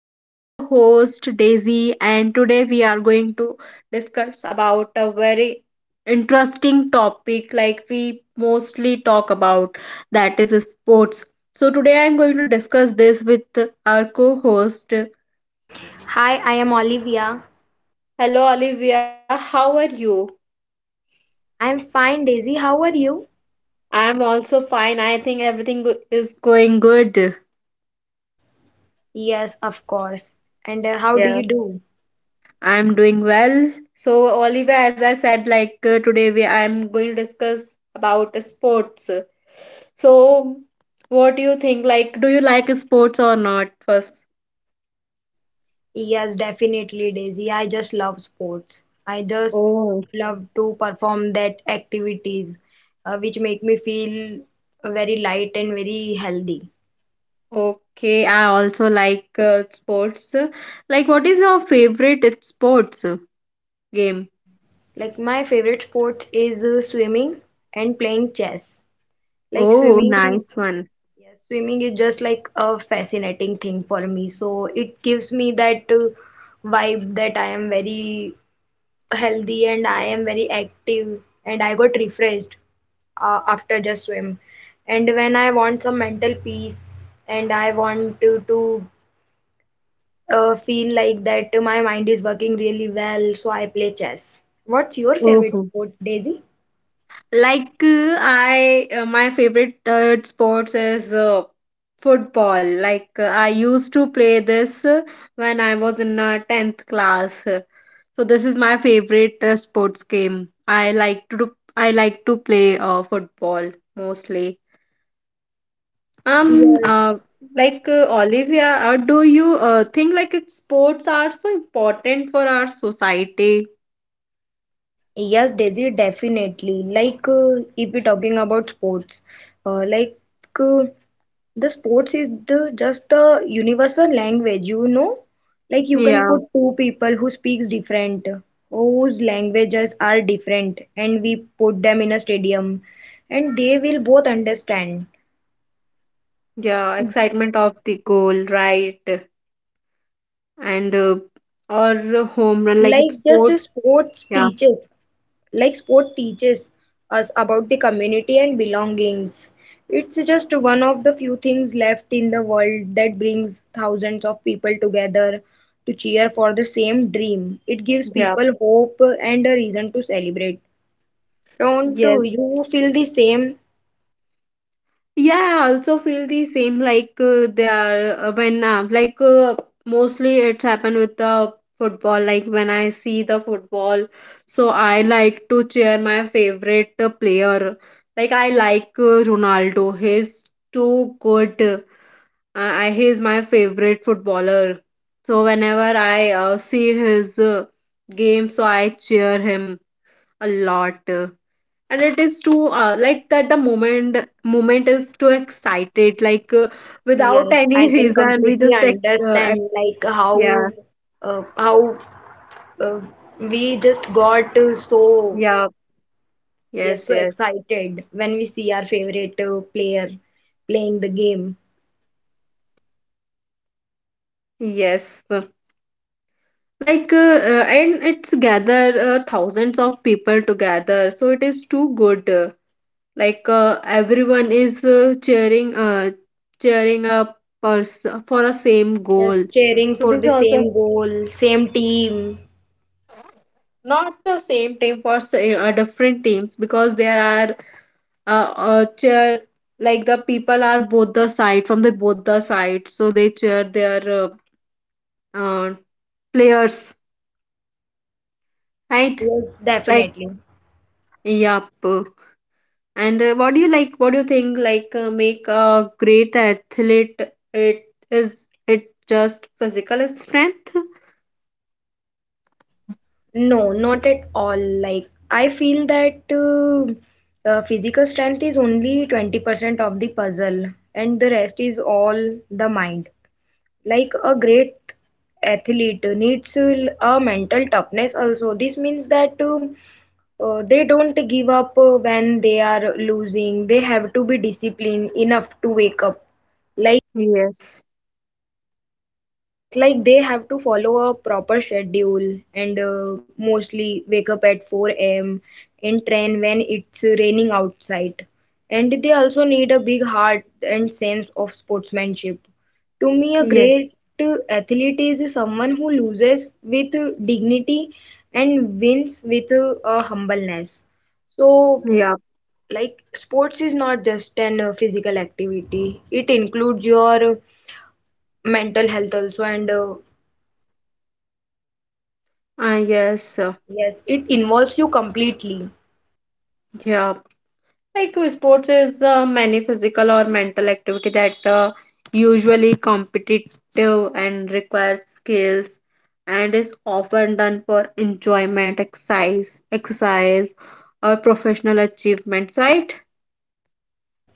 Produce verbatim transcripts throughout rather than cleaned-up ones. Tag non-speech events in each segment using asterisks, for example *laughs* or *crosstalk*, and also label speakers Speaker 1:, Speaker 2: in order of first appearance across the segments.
Speaker 1: I am your host Daisy and today we are going to discuss about a very interesting topic like we mostly talk about that is sports. So today I am going to discuss this with our co-host.
Speaker 2: Hi, I am Olivia.
Speaker 1: Hello Olivia, how are you?
Speaker 2: I'm fine, Daisy. How are you?
Speaker 1: I am also fine. I think everything go- is going good.
Speaker 2: Yes, of course. And uh, how do
Speaker 1: Yeah.
Speaker 2: you do?
Speaker 1: I'm doing well. So, Oliver, as I said, like uh, today we I'm going to discuss about sports. So, what do you think? Like, do you like sports or not? First,
Speaker 2: Yes, definitely, Daisy. I just love sports. I just
Speaker 1: oh,
Speaker 2: love to perform that activities uh, which make me feel very light and very healthy.
Speaker 1: okay. I also like uh, sports. Like, what is your favorite sports game?
Speaker 2: Like my favorite sport is uh, swimming and playing chess. Like
Speaker 1: Oh,
Speaker 2: swimming.
Speaker 1: nice one.
Speaker 2: Yes, swimming is just like a fascinating thing for me. So it gives me that uh, vibe that I am very healthy and I am very active, and I got refreshed uh, after just swim. And when I want some mental peace and I want to, to uh, feel like that my mind is working really well, so I play chess. What's your favorite
Speaker 1: Oh.
Speaker 2: sport, Daisy?
Speaker 1: Like uh, I, uh, my favorite uh, sports is uh, football. Like uh, I used to play this uh, when I was in uh, tenth class. So this is my favorite uh, sports game. I like to do, I like to play uh, football mostly. Um,
Speaker 2: Yes.
Speaker 1: uh, like uh, Olivia, uh, do you uh, think like it, sports are so important for our society?
Speaker 2: Yes, Daisy, definitely. Like, uh, if we're talking about sports, uh, like uh, the sports is the just the universal language, you know. Like you can
Speaker 1: Yeah,
Speaker 2: put two people who speaks different, whose languages are different, and we put them in a stadium, and they will both understand.
Speaker 1: yeah, excitement of the goal, right? And uh, or a home run, like it's
Speaker 2: Like just
Speaker 1: sports.
Speaker 2: sports
Speaker 1: Yeah,
Speaker 2: teaches. Like sport teaches us about the community and belongings. It's just one of the few things left in the world that brings thousands of people together to cheer for the same dream. It gives
Speaker 1: yeah,
Speaker 2: people hope and a reason to celebrate. don't uh,
Speaker 1: yes,
Speaker 2: you feel the same?
Speaker 1: yeah, I also feel the same. Like uh, they are uh, when uh, like uh, mostly it's happened with the football. Like when I see the football, so I like to cheer my favorite uh, player. Like I like uh, Ronaldo, he's too good. Uh, I, he's my favorite footballer. So whenever I uh, see his uh, game, so I cheer him a lot. Uh, and it is too uh, like that, the moment moment is too excited. Like uh, without
Speaker 2: Yes,
Speaker 1: any
Speaker 2: I
Speaker 1: *laughs*
Speaker 2: can
Speaker 1: reason, we
Speaker 2: completely
Speaker 1: just like uh, ac-
Speaker 2: understand like how
Speaker 1: yeah,
Speaker 2: uh, how uh, we just got uh, so.
Speaker 1: yeah,
Speaker 2: Yes,
Speaker 1: yes,
Speaker 2: so
Speaker 1: yes.
Speaker 2: excited when we see our favorite uh, player playing the game.
Speaker 1: Yes, uh, like uh, uh, and it's gather uh, thousands of people together, so it is too good. Uh, like uh, everyone is uh, cheering uh, cheering up pers- for a same
Speaker 2: Yes,
Speaker 1: goal.
Speaker 2: cheering
Speaker 1: So
Speaker 2: for
Speaker 1: this
Speaker 2: the
Speaker 1: also,
Speaker 2: same goal, same team.
Speaker 1: not the same team, for sa- uh, different teams, because there are uh, uh cheer, like the people are both the side from the both the sides, so they cheer their uh, uh players, right?
Speaker 2: Yes,
Speaker 1: Like,
Speaker 2: definitely.
Speaker 1: yep. And uh, what do you like, what do you think like uh, make a great athlete, it is it just physical strength?
Speaker 2: No, not at all. Like, I feel that uh, uh, physical strength is only twenty percent of the puzzle, and the rest is all the mind. Like a great athlete needs a mental toughness also. This means that um, uh, they don't give up uh, when they are losing. They have to be disciplined enough to wake up.
Speaker 1: Yes,
Speaker 2: Yes, like they have to follow a proper schedule and uh, mostly wake up at four a m and train when it's raining outside. And they also need a big heart and sense of sportsmanship. To me, a great
Speaker 1: yes,
Speaker 2: athlete is someone who loses with dignity and wins with uh, a humbleness. So,
Speaker 1: yeah,
Speaker 2: like, sports is not just an uh, physical activity, it includes your mental health also and uh,
Speaker 1: uh, yes, uh,
Speaker 2: Yes, it involves you completely.
Speaker 1: yeah. Like uh, sports is uh, many physical or mental activity that uh, usually competitive and requires skills and is often done for enjoyment, exercise, exercise or professional achievements, right?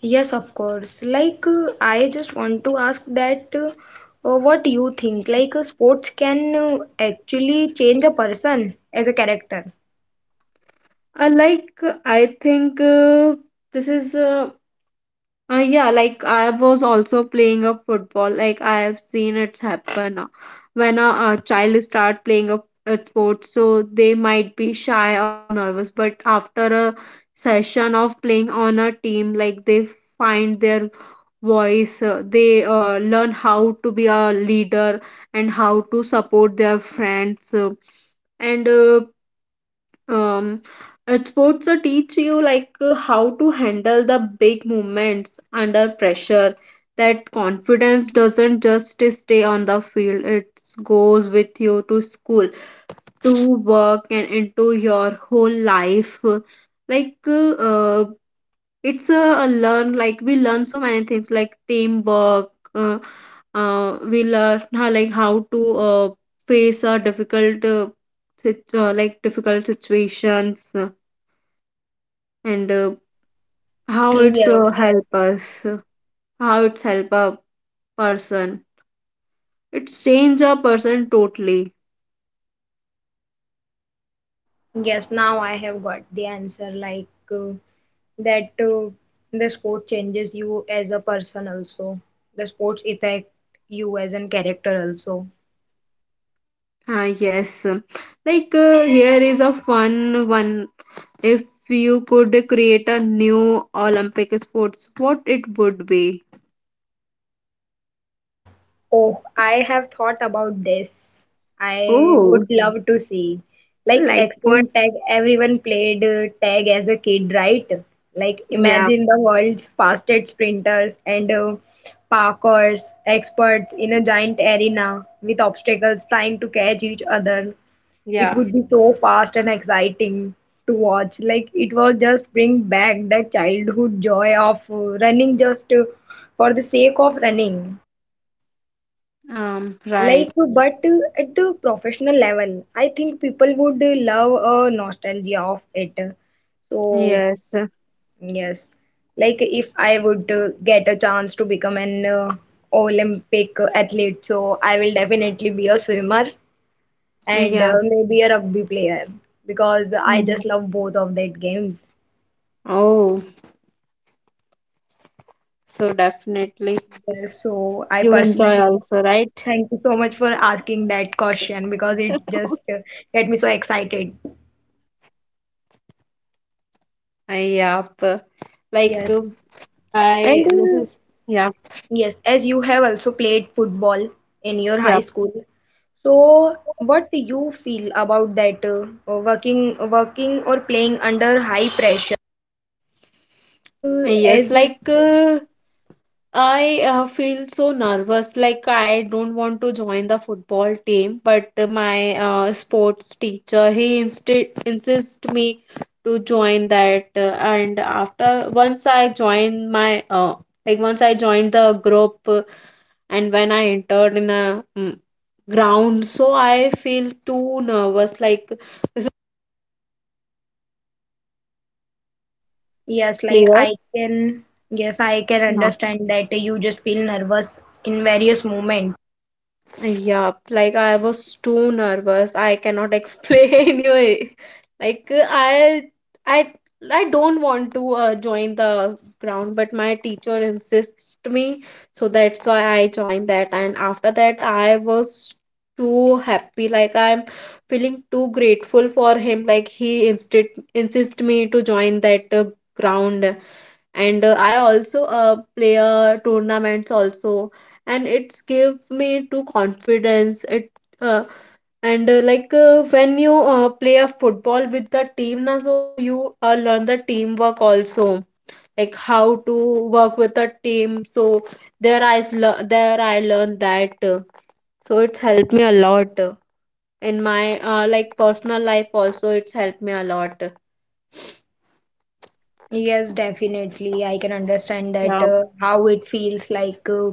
Speaker 2: Yes, of course. Like, uh, I just want to ask that uh, uh, what you think? Like, uh, sports can uh, actually change a person as a character.
Speaker 1: Uh, like uh, I think uh, this is uh, Uh, yeah, like I was also playing a football. Like I have seen it's happen uh, when a, a child start playing a, a sport, so they might be shy or nervous. But after a session of playing on a team, like they find their voice, uh, they uh, learn how to be a leader and how to support their friends. Uh, and uh, um, uh, Sports uh, teach you like uh, how to handle the big moments under pressure. That confidence doesn't just stay on the field; it goes with you to school, to work, and into your whole life. Like uh, uh, it's a, a learn. Like we learn so many things, like teamwork. Uh, uh, we learn how like how to uh, face a difficult uh, sit- uh, like difficult situations. And uh, how it's uh,
Speaker 2: Yes.
Speaker 1: help us, uh, how it's help a person, it's change a person totally.
Speaker 2: Yes, now I have got the answer. Like, uh, that uh, the sport changes you as a person also. The sports affect you as a character also.
Speaker 1: Ah, yes. Like uh, here is a fun one. If you could create a new Olympic sports, what it would be?
Speaker 2: Oh, I have thought about this. I
Speaker 1: Oh,
Speaker 2: would love to see. Like
Speaker 1: like what?
Speaker 2: Extreme Tag, everyone played uh, tag as a kid, right? Like
Speaker 1: Yeah,
Speaker 2: imagine the world's fastest sprinters and uh, parkours experts in a giant arena with obstacles trying to catch each other. It
Speaker 1: yeah,
Speaker 2: would be so fast and exciting to watch. Like it was just bring back that childhood joy of uh, running just uh, for the sake of running.
Speaker 1: um, right,
Speaker 2: Like, but uh, at the professional level, I think people would uh, love a nostalgia of it. So,
Speaker 1: yes,
Speaker 2: yes, like if I would uh, get a chance to become an uh, Olympic athlete, so I will definitely be a swimmer and
Speaker 1: yeah.
Speaker 2: uh, maybe a rugby player because I
Speaker 1: Mm.
Speaker 2: just love both of that games.
Speaker 1: Oh, so definitely
Speaker 2: Yes, so I
Speaker 1: you enjoy
Speaker 2: personally
Speaker 1: also,
Speaker 2: thank
Speaker 1: right?
Speaker 2: you so much for asking that question because it just uh,
Speaker 1: *laughs*
Speaker 2: get me so excited.
Speaker 1: Yup. Like
Speaker 2: Yes.
Speaker 1: uh,
Speaker 2: And
Speaker 1: I, this
Speaker 2: uh,
Speaker 1: is, yeah,
Speaker 2: Yes, as you have also played football in your
Speaker 1: yeah,
Speaker 2: high school. So, what do you feel about that uh, working working or playing under high pressure? Like, uh, as
Speaker 1: yes. Like uh, I uh, feel so nervous, like I don't want to join the football team, but my uh, sports teacher, he instead insist me to join that. Uh, and after once I joined my uh, like once I joined the group uh, and when I entered in a mm, ground, so I feel too nervous, like this is
Speaker 2: yes, like
Speaker 1: player.
Speaker 2: I can yes, I can understand that you just feel nervous in various moments.
Speaker 1: Yeah, like I was too nervous. I cannot explain *laughs* you. Like I, I, I don't want to uh, join the ground, but my teacher insists me, so that's why I joined that. And after that, I was too happy. Like I'm feeling too grateful for him. Like he insist insist me to join that uh, ground. And uh, I also uh, play uh, tournaments also, and it's give me to confidence. It uh, and uh, Like uh, when you uh, play a football with the team na, so you uh, learn the teamwork also, like how to work with a team. So there i s- lear- there I learned that, uh, so it's helped me a lot uh, in my uh, like personal life also, it's helped me a lot.
Speaker 2: Yes, definitely. I can understand that
Speaker 1: Yeah,
Speaker 2: uh, how it feels like uh,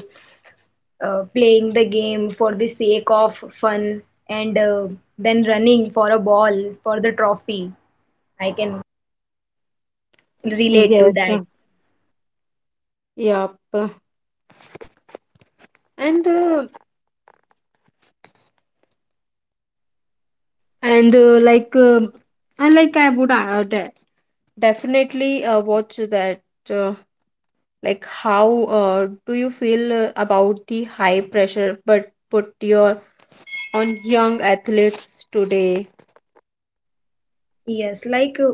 Speaker 2: uh, playing the game for the sake of fun and uh, then running for a ball for the trophy. I can relate to
Speaker 1: yes,
Speaker 2: that.
Speaker 1: uh, yep. and uh, and uh, like um and like I would uh, de- definitely uh, watch that. uh, like how uh, do you feel uh, about the high pressure but put your on young athletes today?
Speaker 2: Yes, like uh,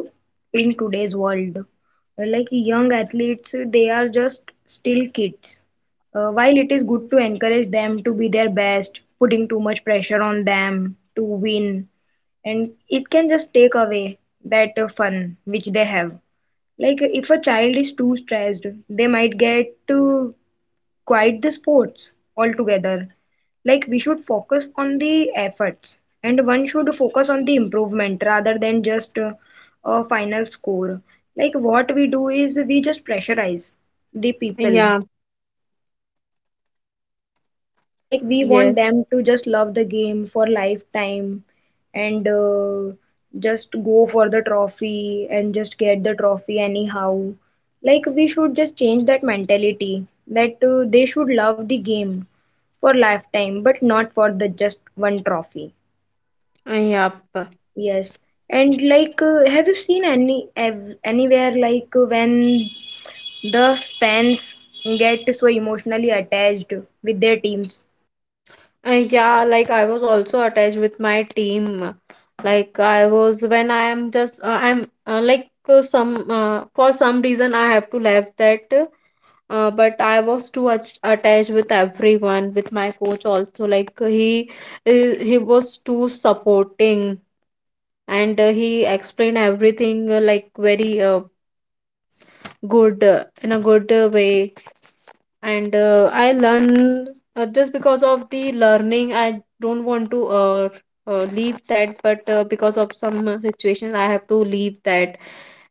Speaker 2: in today's world, uh, like young athletes, uh, they are just still kids. Uh, while it is good to encourage them to be their best, putting too much pressure on them to win, and it can just take away that uh, fun which they have. Like if a child is too stressed, they might get to quite the sports altogether. Like we should focus on the efforts, and one should focus on the improvement rather than just uh, a final score. Like what we do is we just pressurize the people.
Speaker 1: Yeah,
Speaker 2: Yes, like we want
Speaker 1: yes.
Speaker 2: them to just love the game for lifetime and uh, just go for the trophy and just get the trophy anyhow. Like we should just change that mentality that uh, they should love the game for lifetime but not for the just one trophy.
Speaker 1: Uh, yep.
Speaker 2: Yes. And like uh, have you seen any ev anywhere like uh, when the fans get so emotionally attached with their teams?
Speaker 1: Uh, yeah, like I was also attached with my team. Like I was when I am just uh, I'm uh, like uh, some uh, for some reason, I have to left that. Uh, uh, but I was too much attached with everyone, with my coach also. Like he, he he was too supporting, and uh, he explained everything uh, like very uh, good uh, in a good uh, way. And uh, I learned uh, just because of the learning. I don't want to uh, uh, leave that, but uh, because of some uh, situation, I have to leave that.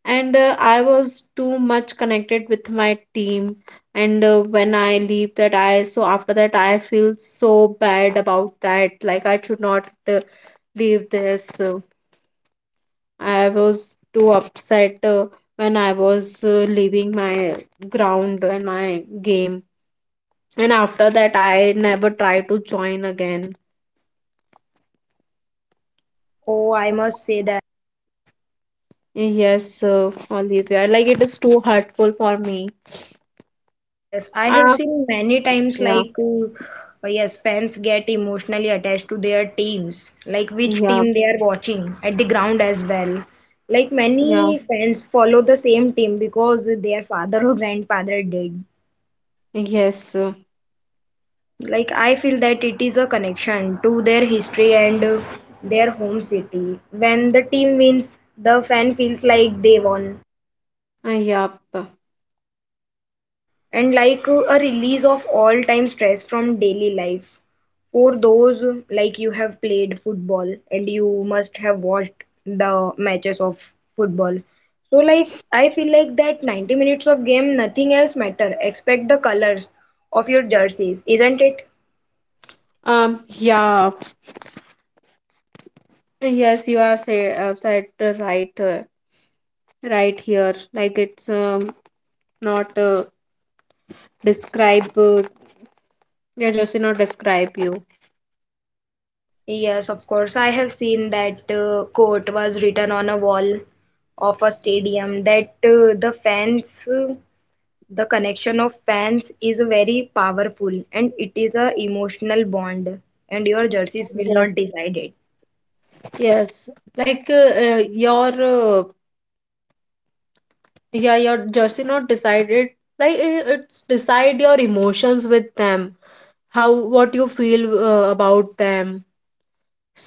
Speaker 1: And uh, I was too much connected with my team. And uh, when I leave that, I so after that I feel so bad about that, like I should not uh, leave this. uh, I was too upset uh, when I was uh, leaving my ground and my game. And after that, I never try to join again.
Speaker 2: Oh, I must say that
Speaker 1: Yes, uh, Olivia, like it is too hurtful for me
Speaker 2: yes, I have
Speaker 1: as,
Speaker 2: seen many times
Speaker 1: yeah,
Speaker 2: like uh, uh, yes, fans get emotionally attached to their teams, like which
Speaker 1: yeah,
Speaker 2: team they are watching at the ground as well. Like
Speaker 1: yeah,
Speaker 2: many fans follow the same team because their father or *laughs* grandfather did.
Speaker 1: yes, uh,
Speaker 2: Like I feel that it is a connection to their history and uh, their home city. When the team wins, the fan feels like they won.
Speaker 1: uh, yeah.
Speaker 2: And like uh, a release of all time stress from daily life for those uh, like you have played football and you must have watched the matches of football. So like I feel like that ninety minutes of game nothing else matter except the colors of your jerseys, isn't it?
Speaker 1: Um, yeah, yes, you have said, uh, said uh, right, uh, right here. Like it's um, not uh, describe, uh, yeah, just not describe you.
Speaker 2: Yes, of course I have seen that uh, quote was written on a wall of a stadium that uh, the fans uh, the connection of fans is very powerful and it is a emotional bond and your jerseys will not
Speaker 1: Yes,
Speaker 2: decide it.
Speaker 1: yes. Like uh, uh, your uh, yeah, your jersey not decided. Like i- it's decide your emotions with them, how what you feel uh, about them.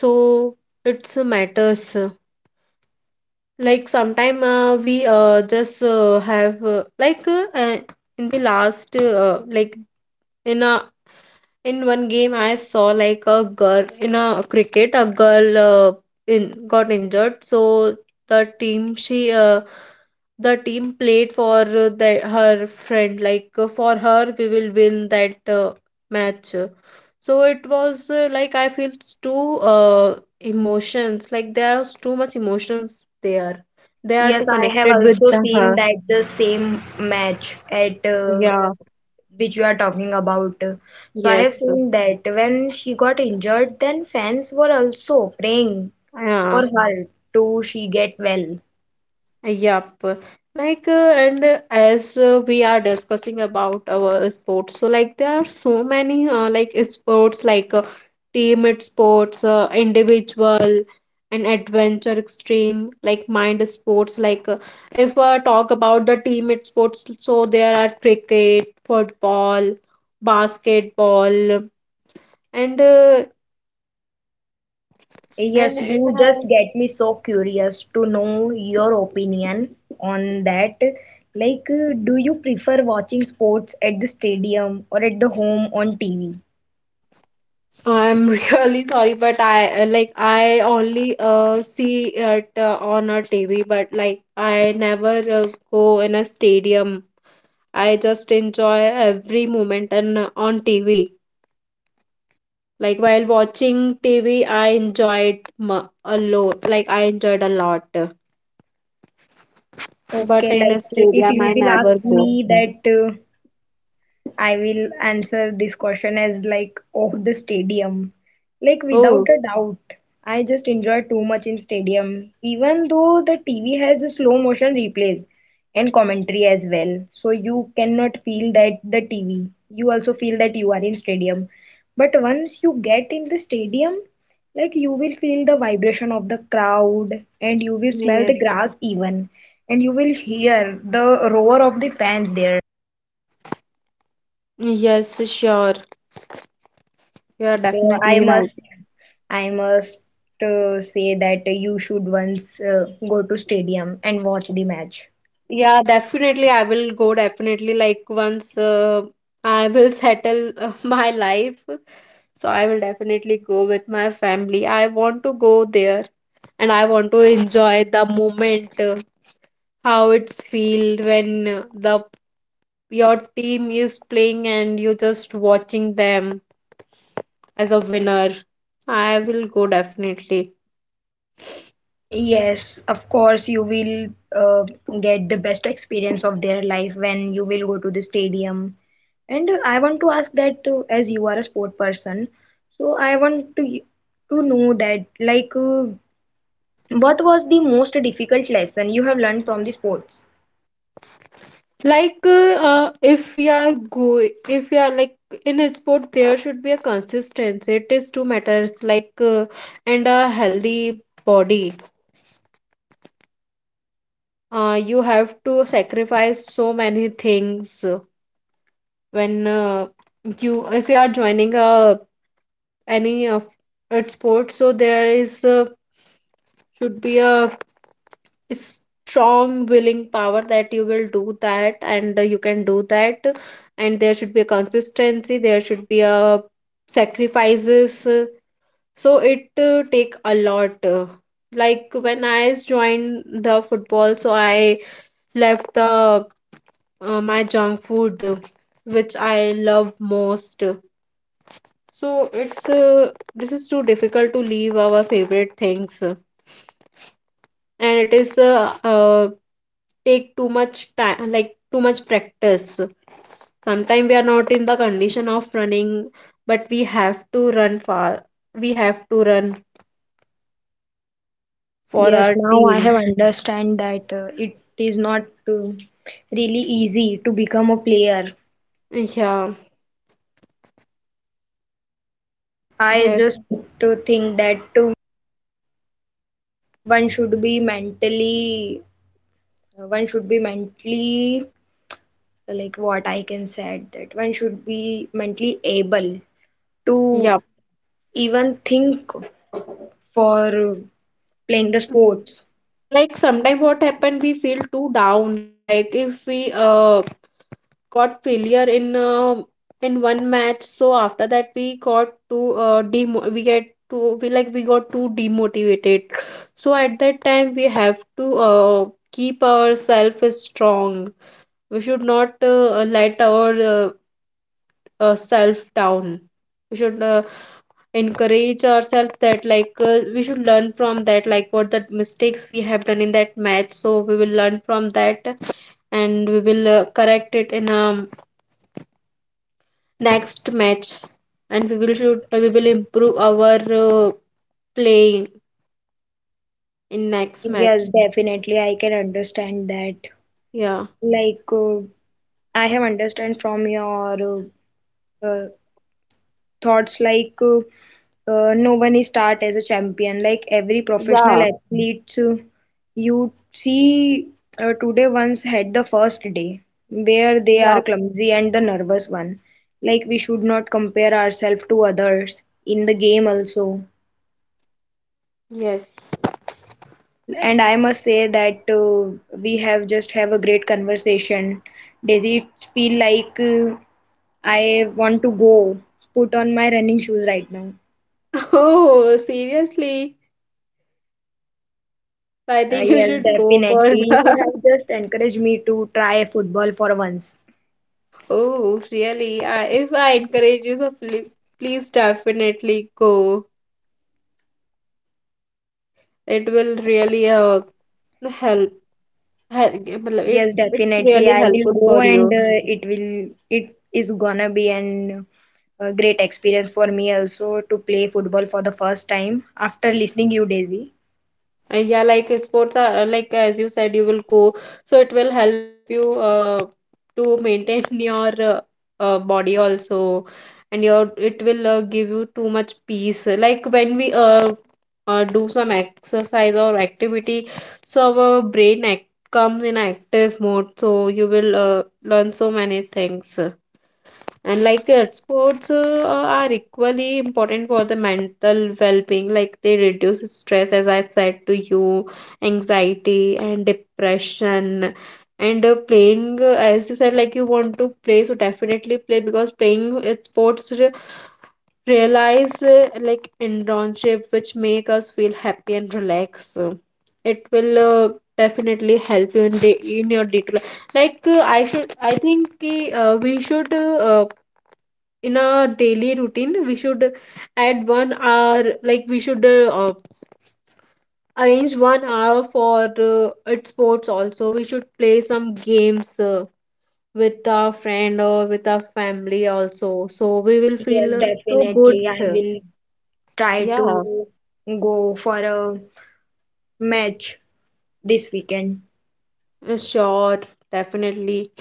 Speaker 1: So it's uh, matters. Like sometime uh, we uh, just uh, have uh, like uh, uh, in the last uh, like in a in one game, I saw like a girl in a cricket, a girl uh, in got injured. So the team she uh, the team played for uh, the, her friend, like uh, for her we will win that uh, match. So it was uh, like I feel too uh, emotions, like there's too much emotions there. They are
Speaker 2: Yes,
Speaker 1: too
Speaker 2: I have
Speaker 1: connected with
Speaker 2: also seen
Speaker 1: the,
Speaker 2: that the same match at uh,
Speaker 1: yeah,
Speaker 2: which you are talking about. So I have
Speaker 1: yes,
Speaker 2: seen that when she got injured, then fans were also praying for
Speaker 1: yeah.
Speaker 2: her to she get well.
Speaker 1: Yup. Like, uh, and uh, as uh, we are discussing about our sports, so like there are so many uh, like sports like uh, team it sports, uh, individual, and adventure extreme, like mind sports. Like, uh, if uh, talk about the team it sports, so there are cricket, football, basketball, and uh, and
Speaker 2: Yes,
Speaker 1: it
Speaker 2: you just
Speaker 1: has.
Speaker 2: get me so curious to know your opinion on that. Like, uh, do you prefer watching sports at the stadium or at the home on T V?
Speaker 1: I'm *laughs* really sorry, but I uh, like I only uh see it uh, on a T V, but like I never uh, go in a stadium. I just enjoy every moment and uh, on T V. Like while watching T V, I enjoyed mu- a lot. Like I enjoyed a lot, but
Speaker 2: Okay,
Speaker 1: in a
Speaker 2: like uh, if
Speaker 1: stadium, I
Speaker 2: you will
Speaker 1: never
Speaker 2: ask
Speaker 1: go.
Speaker 2: me that uh, I will answer this question as like, oh, the stadium. Like, without
Speaker 1: Oh,
Speaker 2: a doubt, I just enjoy too much in stadium, even though the T V has a slow motion replays and commentary as well. So you cannot feel that the T V. You also feel that you are in stadium. But once you get in the stadium, like you will feel the vibration of the crowd, and you will smell the
Speaker 1: yes,
Speaker 2: grass even, and you will hear the roar of the fans there.
Speaker 1: yes, sure. You are
Speaker 2: Yes, so I
Speaker 1: definitely right.
Speaker 2: must, I must uh, say that you should once uh, go to stadium and watch the match.
Speaker 1: Yeah, definitely. I will go definitely, like once uh, I will settle uh, *laughs* my life. So I will definitely go with my family. I want to go there and I want to enjoy the moment, uh, how it's feel when uh, the your team is playing and you're just watching them as a winner. I will go definitely.
Speaker 2: Yes, of course you will uh, get the best experience of their life when you will go to the stadium. And uh, I want to ask that uh, as you are a sport person, so I want to to know that like uh, what was the most difficult lesson you have learned from the sports?
Speaker 1: like uh, uh, if we are go if we are like in a sport there should be a consistency it is two matters like uh, and a healthy body. Uh, you have to sacrifice so many things. Uh, when uh, you If you are joining a any of at sports, so there is uh, should be a strong willing power that you will do that, and uh, you can do that. And there should be a consistency, there should be a sacrifices. Uh, so it uh, take a lot. Uh, like when I joined the football, so I left the uh, my junk food, uh, which I love most. So it's uh, this is too difficult to leave our favorite things. And it is uh, uh, take too much time, like too much practice. Sometimes we are not in the condition of running, but we have to run far, we have to run for
Speaker 2: Yes,
Speaker 1: our
Speaker 2: now I
Speaker 1: team.
Speaker 2: have understand that uh, it is not uh, really easy to become a player.
Speaker 1: Yeah.
Speaker 2: Yes, I
Speaker 1: Yes.
Speaker 2: just to think that uh, one should be mentally, uh, one should be mentally, like what I can say that one should be mentally able to
Speaker 1: Yeah.
Speaker 2: even think for uh, playing the sports.
Speaker 1: Like sometimes what happened, we feel too down. Like if we uh got failure in uh, in one match, so after that we got to uh, demo- we get to we like we got too demotivated. So at that time we have to uh, keep ourselves strong. We should not uh, let our uh, uh, self down. We should uh, encourage ourselves that, like uh, we should learn from that, like what the mistakes we have done in that match, so we will learn from that. And we will uh, correct it in a next match. And we will should uh, we will improve our uh, playing in next
Speaker 2: Yes,
Speaker 1: match.
Speaker 2: definitely I can understand that.
Speaker 1: Yeah.
Speaker 2: Like uh, I have understand from your uh, uh, thoughts like uh, uh, no one is start as a champion. Like every professional
Speaker 1: Yeah,
Speaker 2: athlete uh, you see uh, today once had the first day where they are
Speaker 1: yeah.
Speaker 2: clumsy and the nervous one. Like we should not compare ourselves to others in the game also.
Speaker 1: Yes.
Speaker 2: And I must say that uh, we have just have a great conversation. Does it feel like uh, I want to go put on my running shoes right now?
Speaker 1: *laughs* Oh, seriously. I
Speaker 2: Uh,
Speaker 1: think you
Speaker 2: yes,
Speaker 1: should go for
Speaker 2: definitely. You
Speaker 1: the.
Speaker 2: have
Speaker 1: *laughs*
Speaker 2: just encouraged me to try football for once.
Speaker 1: Oh really? I, if I encourage you, so please, please definitely go. It will
Speaker 2: Uh,
Speaker 1: really uh, help, help it,
Speaker 2: yes,
Speaker 1: it's
Speaker 2: definitely.
Speaker 1: really
Speaker 2: I will
Speaker 1: helpful
Speaker 2: go
Speaker 1: for
Speaker 2: and
Speaker 1: you.
Speaker 2: uh, it will it is gonna be an uh, great experience for me also to play football for the first time after listening you, Daisy.
Speaker 1: Uh, yeah, like uh, sports are uh, like as you said you will go, so it will help you uh, to maintain *laughs* your uh, uh, body also. And your, it will uh, give you too much peace. Like when we uh, uh, do some exercise or activity, so our brain act- comes in active mode, so you will uh, learn so many things. And like uh, sports uh, are equally important for the mental well-being, like they reduce stress, as I said to you, anxiety and depression. And uh, playing, uh, as you said, like you want to play, so definitely play, because playing uh, sports re- realize uh, like internship which make us feel happy and relax. It will uh, definitely help you in, the, in your day to life. like uh, I should, I think uh, we should, uh, in a daily routine we should add one hour. Like we should uh, uh, arrange one hour for uh, at sports also, we should play some games uh, with our friend or with our family also, so we will
Speaker 2: Yes,
Speaker 1: feel uh, too good.
Speaker 2: definitely. I will try
Speaker 1: Yeah.
Speaker 2: to go for a match this weekend.
Speaker 1: Uh, sure. Definitely.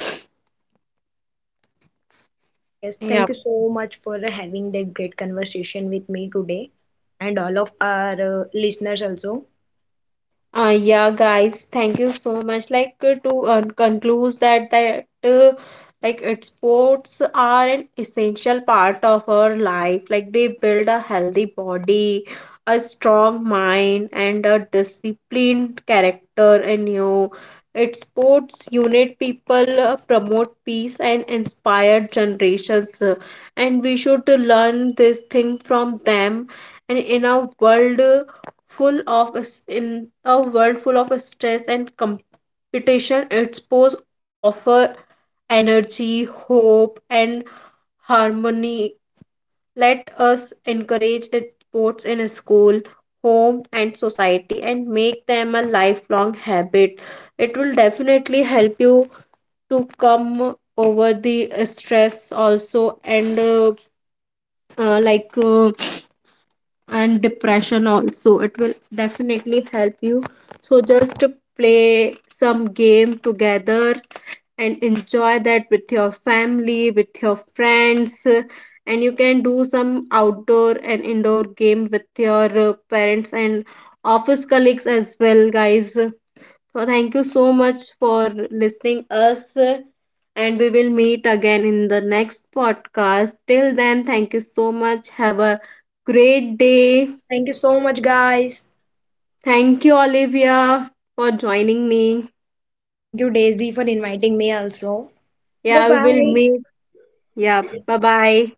Speaker 2: Yes, thank
Speaker 1: Yeah.
Speaker 2: you so much for having that great conversation with me today and all of our uh, listeners also.
Speaker 1: Uh, yeah, guys, thank you so much. Like uh, to uh, conclude that that uh, like it sports are an essential part of our life. Like they build a healthy body, a strong mind, and a disciplined character in you. It sports unite people, uh, promote peace, and inspire generations. Uh, And we should learn this thing from them. And in our world full of s- in a world full of stress and competition, its posts offer energy, hope, and harmony. Let us encourage its sports in school, home, and society, and make them a lifelong habit. It will definitely help you to come over the stress also, and uh, uh, like uh, and depression also, it will definitely help you. So just play some game together and enjoy that with your family, with your friends. And you can do some outdoor and indoor game with your uh, parents and office colleagues as well, guys. So thank you so much for listening us, and we will meet again in the next podcast. Till then, thank you so much. Have a great day.
Speaker 2: Thank you so much, guys.
Speaker 1: Thank you, Olivia, for joining me.
Speaker 2: Thank you, Daisy, for inviting me also. Bye
Speaker 1: Yeah, we will
Speaker 2: bye.
Speaker 1: meet. Yeah, bye bye.